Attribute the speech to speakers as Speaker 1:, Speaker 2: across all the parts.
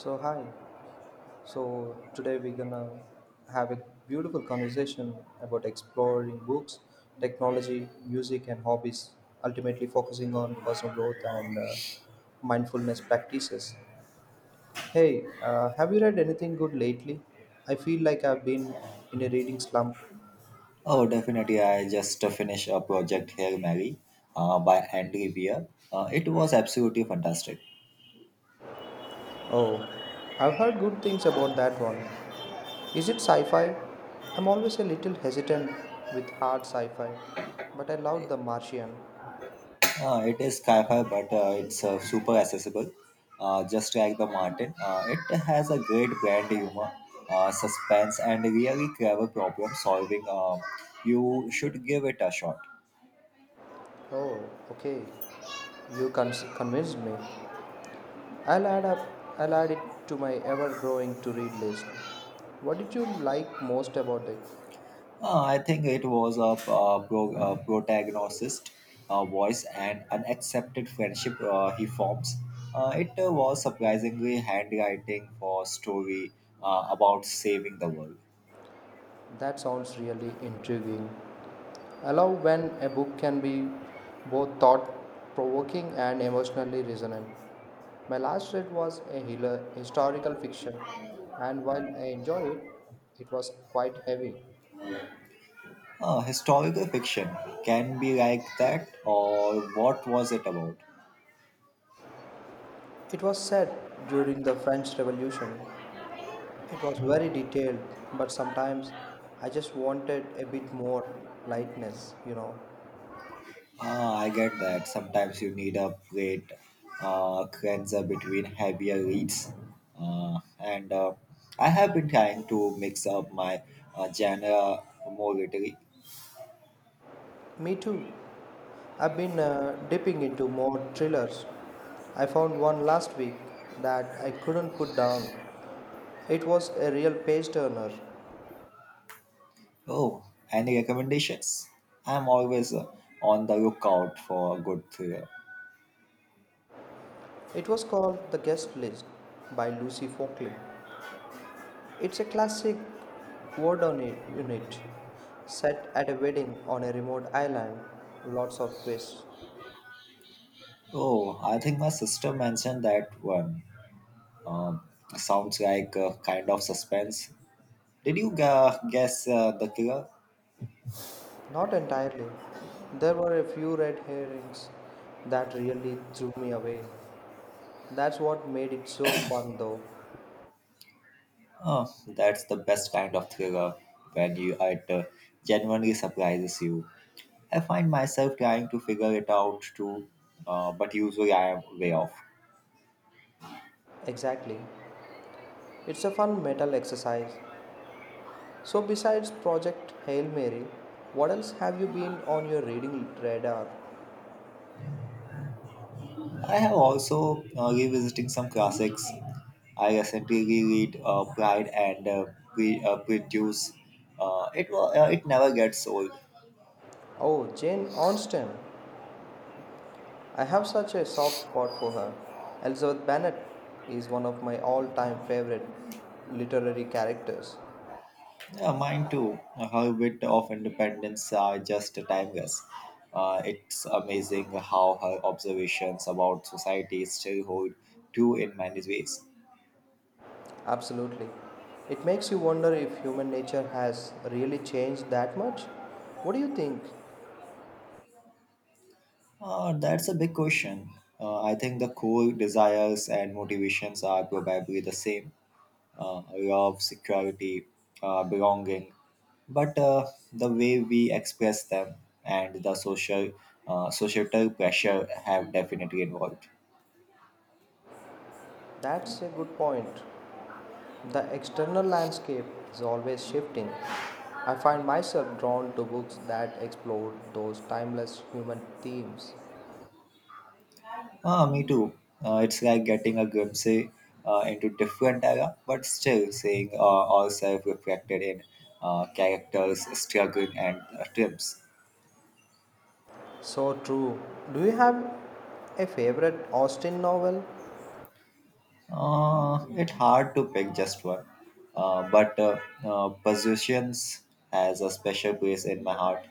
Speaker 1: So hi. So today we're gonna have a beautiful conversation about exploring books, technology, music, and hobbies. Ultimately, focusing on personal growth and mindfulness practices. Hey, have you read anything good lately? I feel like I've been in a reading slump.
Speaker 2: Oh, definitely. I just finished a project, here, Mary, by Andy Weir. It was absolutely fantastic.
Speaker 1: Oh, I've heard good things about that one. Is it sci-fi? I'm always a little hesitant with hard sci-fi, but I loved The Martian.
Speaker 2: It is sci-fi, but it's super accessible, just like the Martin. It has a great brand humor, suspense, and really clever problem solving. You should give it a shot.
Speaker 1: Oh, okay. You convinced me. I'll add up. I'll add it to my ever-growing to-read list. What did you like most about it?
Speaker 2: I think it was a protagonist's voice and unaccepted friendship he forms. It was surprisingly handwriting for a story about saving the world.
Speaker 1: That sounds really intriguing. I love when a book can be both thought-provoking and emotionally resonant. My last read was a historical fiction, and while I enjoyed it, it was quite heavy.
Speaker 2: Historical fiction can be like that, or what was it about?
Speaker 1: It was set during the French Revolution. It was very detailed, but sometimes I just wanted a bit more lightness.
Speaker 2: Ah, I get that. Sometimes you need a plate cleanser between heavier reads. And I have been trying to mix up my genre more lately.
Speaker 1: Me too. I've been dipping into more thrillers. I found one last week that I couldn't put down. It was a real page turner.
Speaker 2: Oh, any recommendations? I'm always on the lookout for a good thriller.
Speaker 1: It was called The Guest List by Lucy Folkley. It's a classic word on it unit set at a wedding on a remote island. Lots of twists.
Speaker 2: Oh, I think my sister mentioned that one. Um, Sounds like a kind of suspense. Did you guess the killer?
Speaker 1: Not entirely. There were a few red herrings that really threw me away. That's what made it so fun though.
Speaker 2: Oh, that's the best kind of thriller when you it genuinely surprises you. I find myself trying to figure it out too, but usually I am way off.
Speaker 1: Exactly. It's a fun metal exercise. So besides Project Hail Mary, what else have you been on your reading radar?
Speaker 2: I have also revisiting some classics. I recently reread Pride and Prejudice. It never gets old.
Speaker 1: Oh, Jane Austen. I have such a soft spot for her. Elizabeth Bennet is one of my all time favorite literary characters.
Speaker 2: Yeah, mine too. Her bit of independence are just timeless. Time It's amazing how her observations about society still hold true in many ways.
Speaker 1: Absolutely. It makes you wonder if human nature has really changed that much. What do you think?
Speaker 2: That's a big question. I think the core desires and motivations are probably the same, love, security, belonging. But the way we express them and the social, societal pressure have definitely involved.
Speaker 1: That's a good point. The external landscape is always shifting. I find myself drawn to books that explore those timeless human themes.
Speaker 2: Ah, me too. It's like getting a glimpse into different era, but still seeing ourselves reflected in characters struggling and triumphs.
Speaker 1: So true. Do you have a favorite Austen novel?
Speaker 2: It's hard to pick just one, but Positions has a special place in my heart.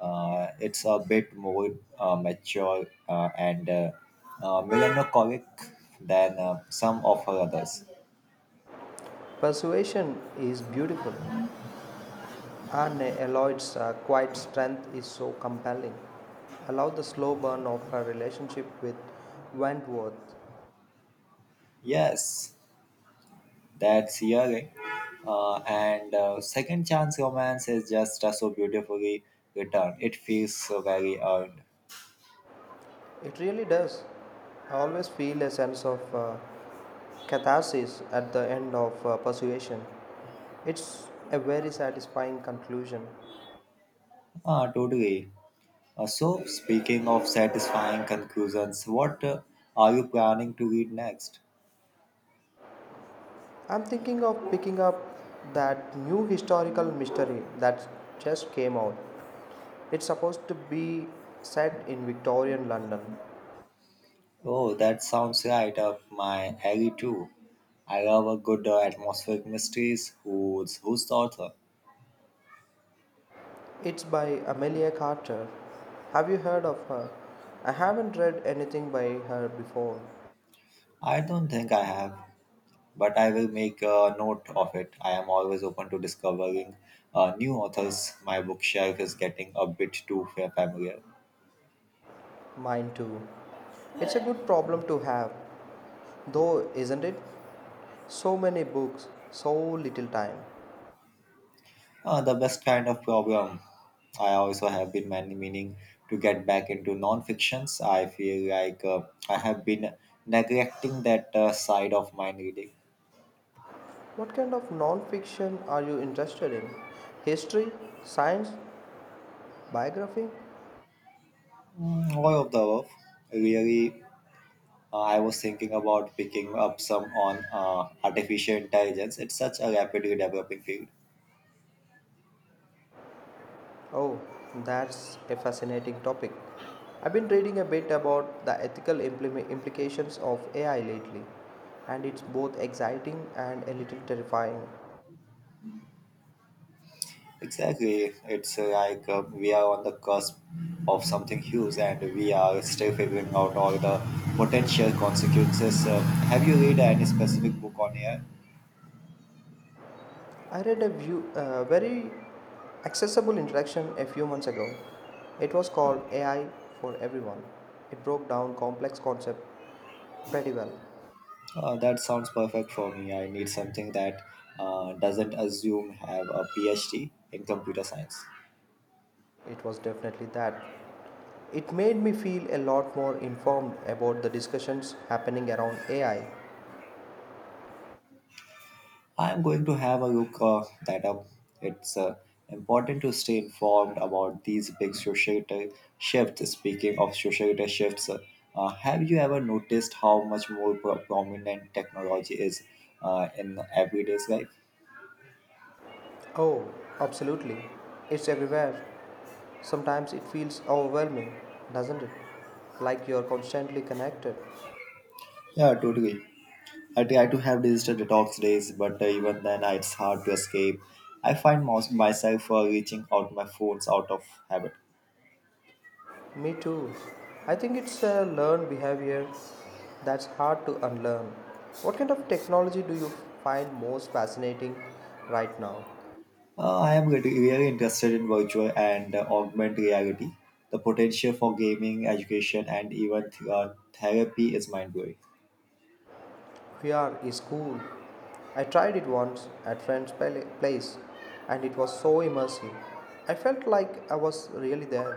Speaker 2: It's a bit more mature and melancholic than some of her others.
Speaker 1: Persuasion is beautiful. Anne Eloy's quiet strength is so compelling. Allow the slow burn of her relationship with Wentworth.
Speaker 2: Yes, that's young. And second chance romance is just so beautifully written. It feels so very earned.
Speaker 1: It really does. I always feel a sense of catharsis at the end of Persuasion. It's a very satisfying conclusion.
Speaker 2: Totally. So, speaking of satisfying conclusions, what are you planning to read next?
Speaker 1: I'm thinking of picking up that new historical mystery that just came out. It's supposed to be set in Victorian London.
Speaker 2: Oh, that sounds right up my alley too. I love a good atmospheric mysteries. Who's the author?
Speaker 1: It's by Amelia Carter. Have you heard of her? I haven't read anything by her before.
Speaker 2: I don't think I have, but I will make a note of it. I am always open to discovering new authors. My bookshelf is getting a bit too familiar.
Speaker 1: Mine too. It's a good problem to have, though, isn't it? So many books, so little time.
Speaker 2: The best kind of problem. I also have been many meaning to get back into non-fictions. I feel like I have been neglecting that side of my reading.
Speaker 1: What kind of non fiction are you interested in? History? Science? Biography?
Speaker 2: Mm, all of the above. Really, I was thinking about picking up some on artificial intelligence. It's such a rapidly developing field.
Speaker 1: Oh, that's a fascinating topic. I've been reading a bit about the ethical implications of AI lately, and it's both exciting and a little terrifying.
Speaker 2: Exactly. It's like we are on the cusp of something huge and we are still figuring out all the potential consequences. Have you read any specific book on AI?
Speaker 1: I read a view, very accessible introduction a few months ago. It was called AI for Everyone. It broke down complex concept pretty well.
Speaker 2: That sounds perfect for me. I need something that doesn't assume have a PhD in computer science.
Speaker 1: It was definitely that. It made me feel a lot more informed about the discussions happening around AI.
Speaker 2: I'm going to have a look that up. It's important to stay informed about these big societal shifts. Speaking of societal shifts, have you ever noticed how much more prominent technology is in everyday's life?
Speaker 1: Oh, absolutely. It's everywhere. Sometimes it feels overwhelming, doesn't it? Like you're constantly connected.
Speaker 2: Yeah, totally. I try to have digital detox days, but even then, it's hard to escape. I find most myself reaching out my phones out of habit.
Speaker 1: Me too. I think it's a learned behavior that's hard to unlearn. What kind of technology do you find most fascinating right now?
Speaker 2: I am really interested in virtual and augmented reality. The potential for gaming, education, and even therapy is mind blowing.
Speaker 1: VR is cool. I tried it once at friend's place and it was so immersive. I felt like I was really there.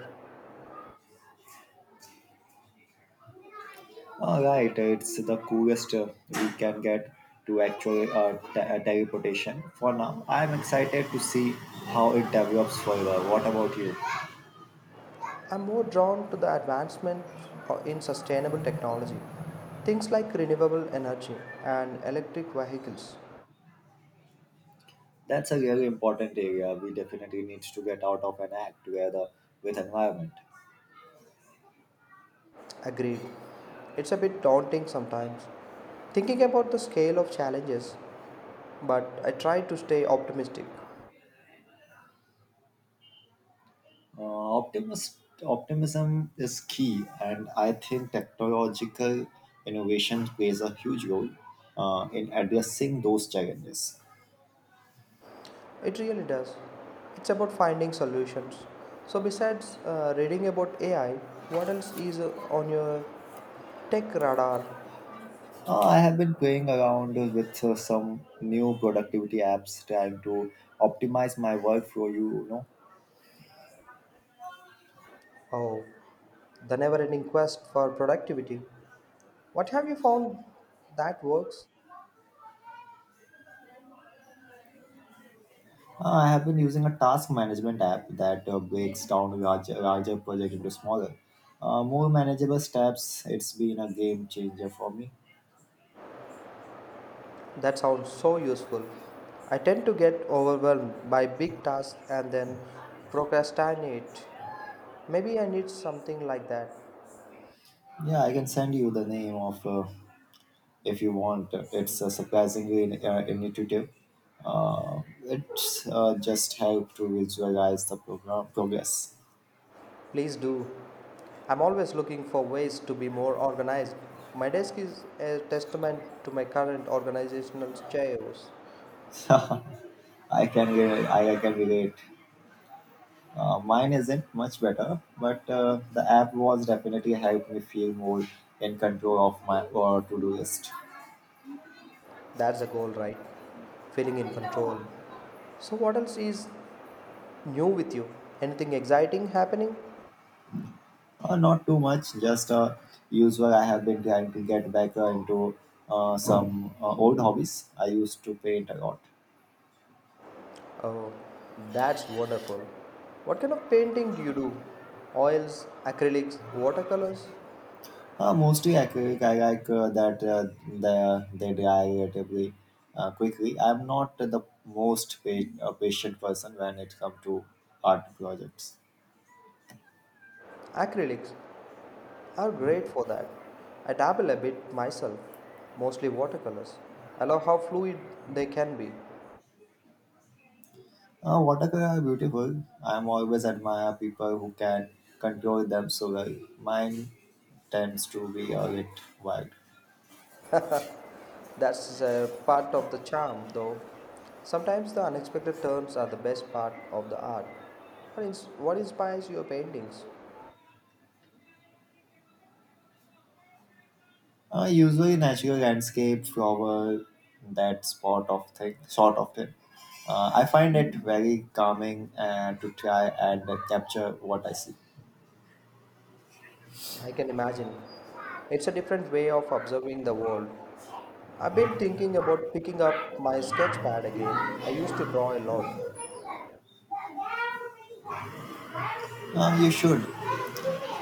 Speaker 2: Right, it's the coolest we can get to actual teleportation. For now, I am excited to see how it develops further. What about you?
Speaker 1: I'm more drawn to the advancement in sustainable technology, things like renewable energy and electric vehicles.
Speaker 2: That's a really important area. We definitely need to get out of an act together with environment.
Speaker 1: Agreed. It's a bit daunting sometimes, thinking about the scale of challenges, but I try to stay optimistic.
Speaker 2: Uh, optimism is key, and I think technological innovation plays a huge role in addressing those challenges.
Speaker 1: It really does. It's about finding solutions. So, besides reading about AI, what else is on your tech radar?
Speaker 2: I have been playing around with some new productivity apps trying to optimize my workflow. You know,
Speaker 1: Oh, the never ending quest for productivity. What have you found that works?
Speaker 2: I have been using a task management app that breaks down larger projects into smaller, more manageable steps. It's been a game changer for me.
Speaker 1: That sounds so useful. I tend to get overwhelmed by big tasks and then procrastinate. Maybe I need something like that.
Speaker 2: Yeah, I can send you the name of, if you want. It's a surprising initiative. It's just help to visualize the program progress.
Speaker 1: Please do. I'm always looking for ways to be more organized. My desk is a testament to my current organizational chaos.
Speaker 2: I I can relate. Mine isn't much better, but the app was definitely helped me feel more in control of my to do list.
Speaker 1: That's the goal, right? Feeling in control. So, what else is new with you? Anything exciting happening?
Speaker 2: Not too much, just usual. I have been trying to get back into some old hobbies. I used to paint a lot.
Speaker 1: Oh, that's wonderful. What kind of painting do you do? Oils, acrylics, watercolors?
Speaker 2: Mostly acrylic. I like that they die relatively quickly. I'm not the most patient person when it comes to art projects.
Speaker 1: Acrylics are great for that. I dabble a bit myself, mostly watercolors. I love how fluid they can be.
Speaker 2: Watercolor are beautiful. I'm always admire people who can control them so well. Mine tends to be a bit wild.
Speaker 1: That's a part of the charm, though. Sometimes the unexpected turns are the best part of the art. What inspires your paintings?
Speaker 2: Usually natural landscape, flower, that spot of thing, sort of thing. I find it very calming to try and capture what I see.
Speaker 1: I can imagine. It's a different way of observing the world. I've been thinking about picking up my sketch pad again. I used to draw a lot,
Speaker 2: You should.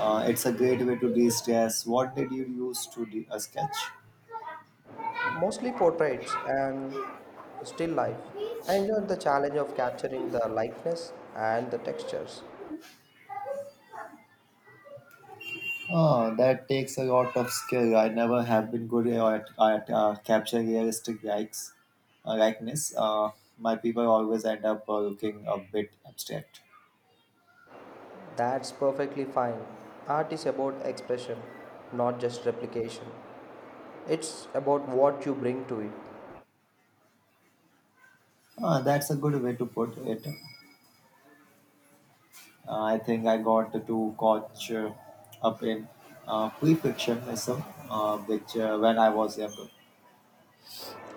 Speaker 2: It's a great way to de-stress. What did you use to sketch?
Speaker 1: mostly portraits and still life. I enjoyed the challenge of capturing the likeness and the textures.
Speaker 2: Oh, that takes a lot of skill. I never have been good at capturing realistic likeness. My people always end up looking a bit abstract.
Speaker 1: That's perfectly fine. Art is about expression, not just replication. It's about what you bring to it.
Speaker 2: That's a good way to put it. I think I got too caught up in perfectionism, which when I was younger.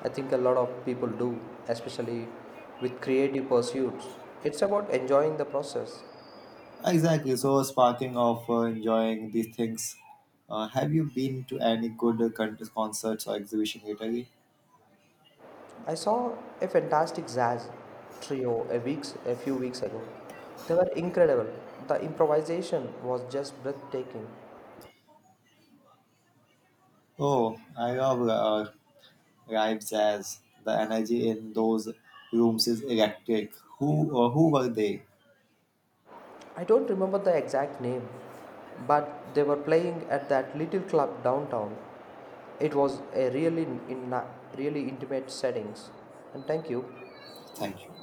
Speaker 1: I think a lot of people do, especially with creative pursuits. It's about enjoying the process.
Speaker 2: Exactly. So, sparking of enjoying these things, have you been to any good concerts or exhibition lately?
Speaker 1: I saw a fantastic jazz trio a few weeks ago. They were incredible. The improvisation was just breathtaking.
Speaker 2: Oh, I love live jazz. The energy in those rooms is electric. Who were they?
Speaker 1: I don't remember the exact name, but they were playing at that little club downtown. It was a really in really intimate settings. And thank you.
Speaker 2: Thank you.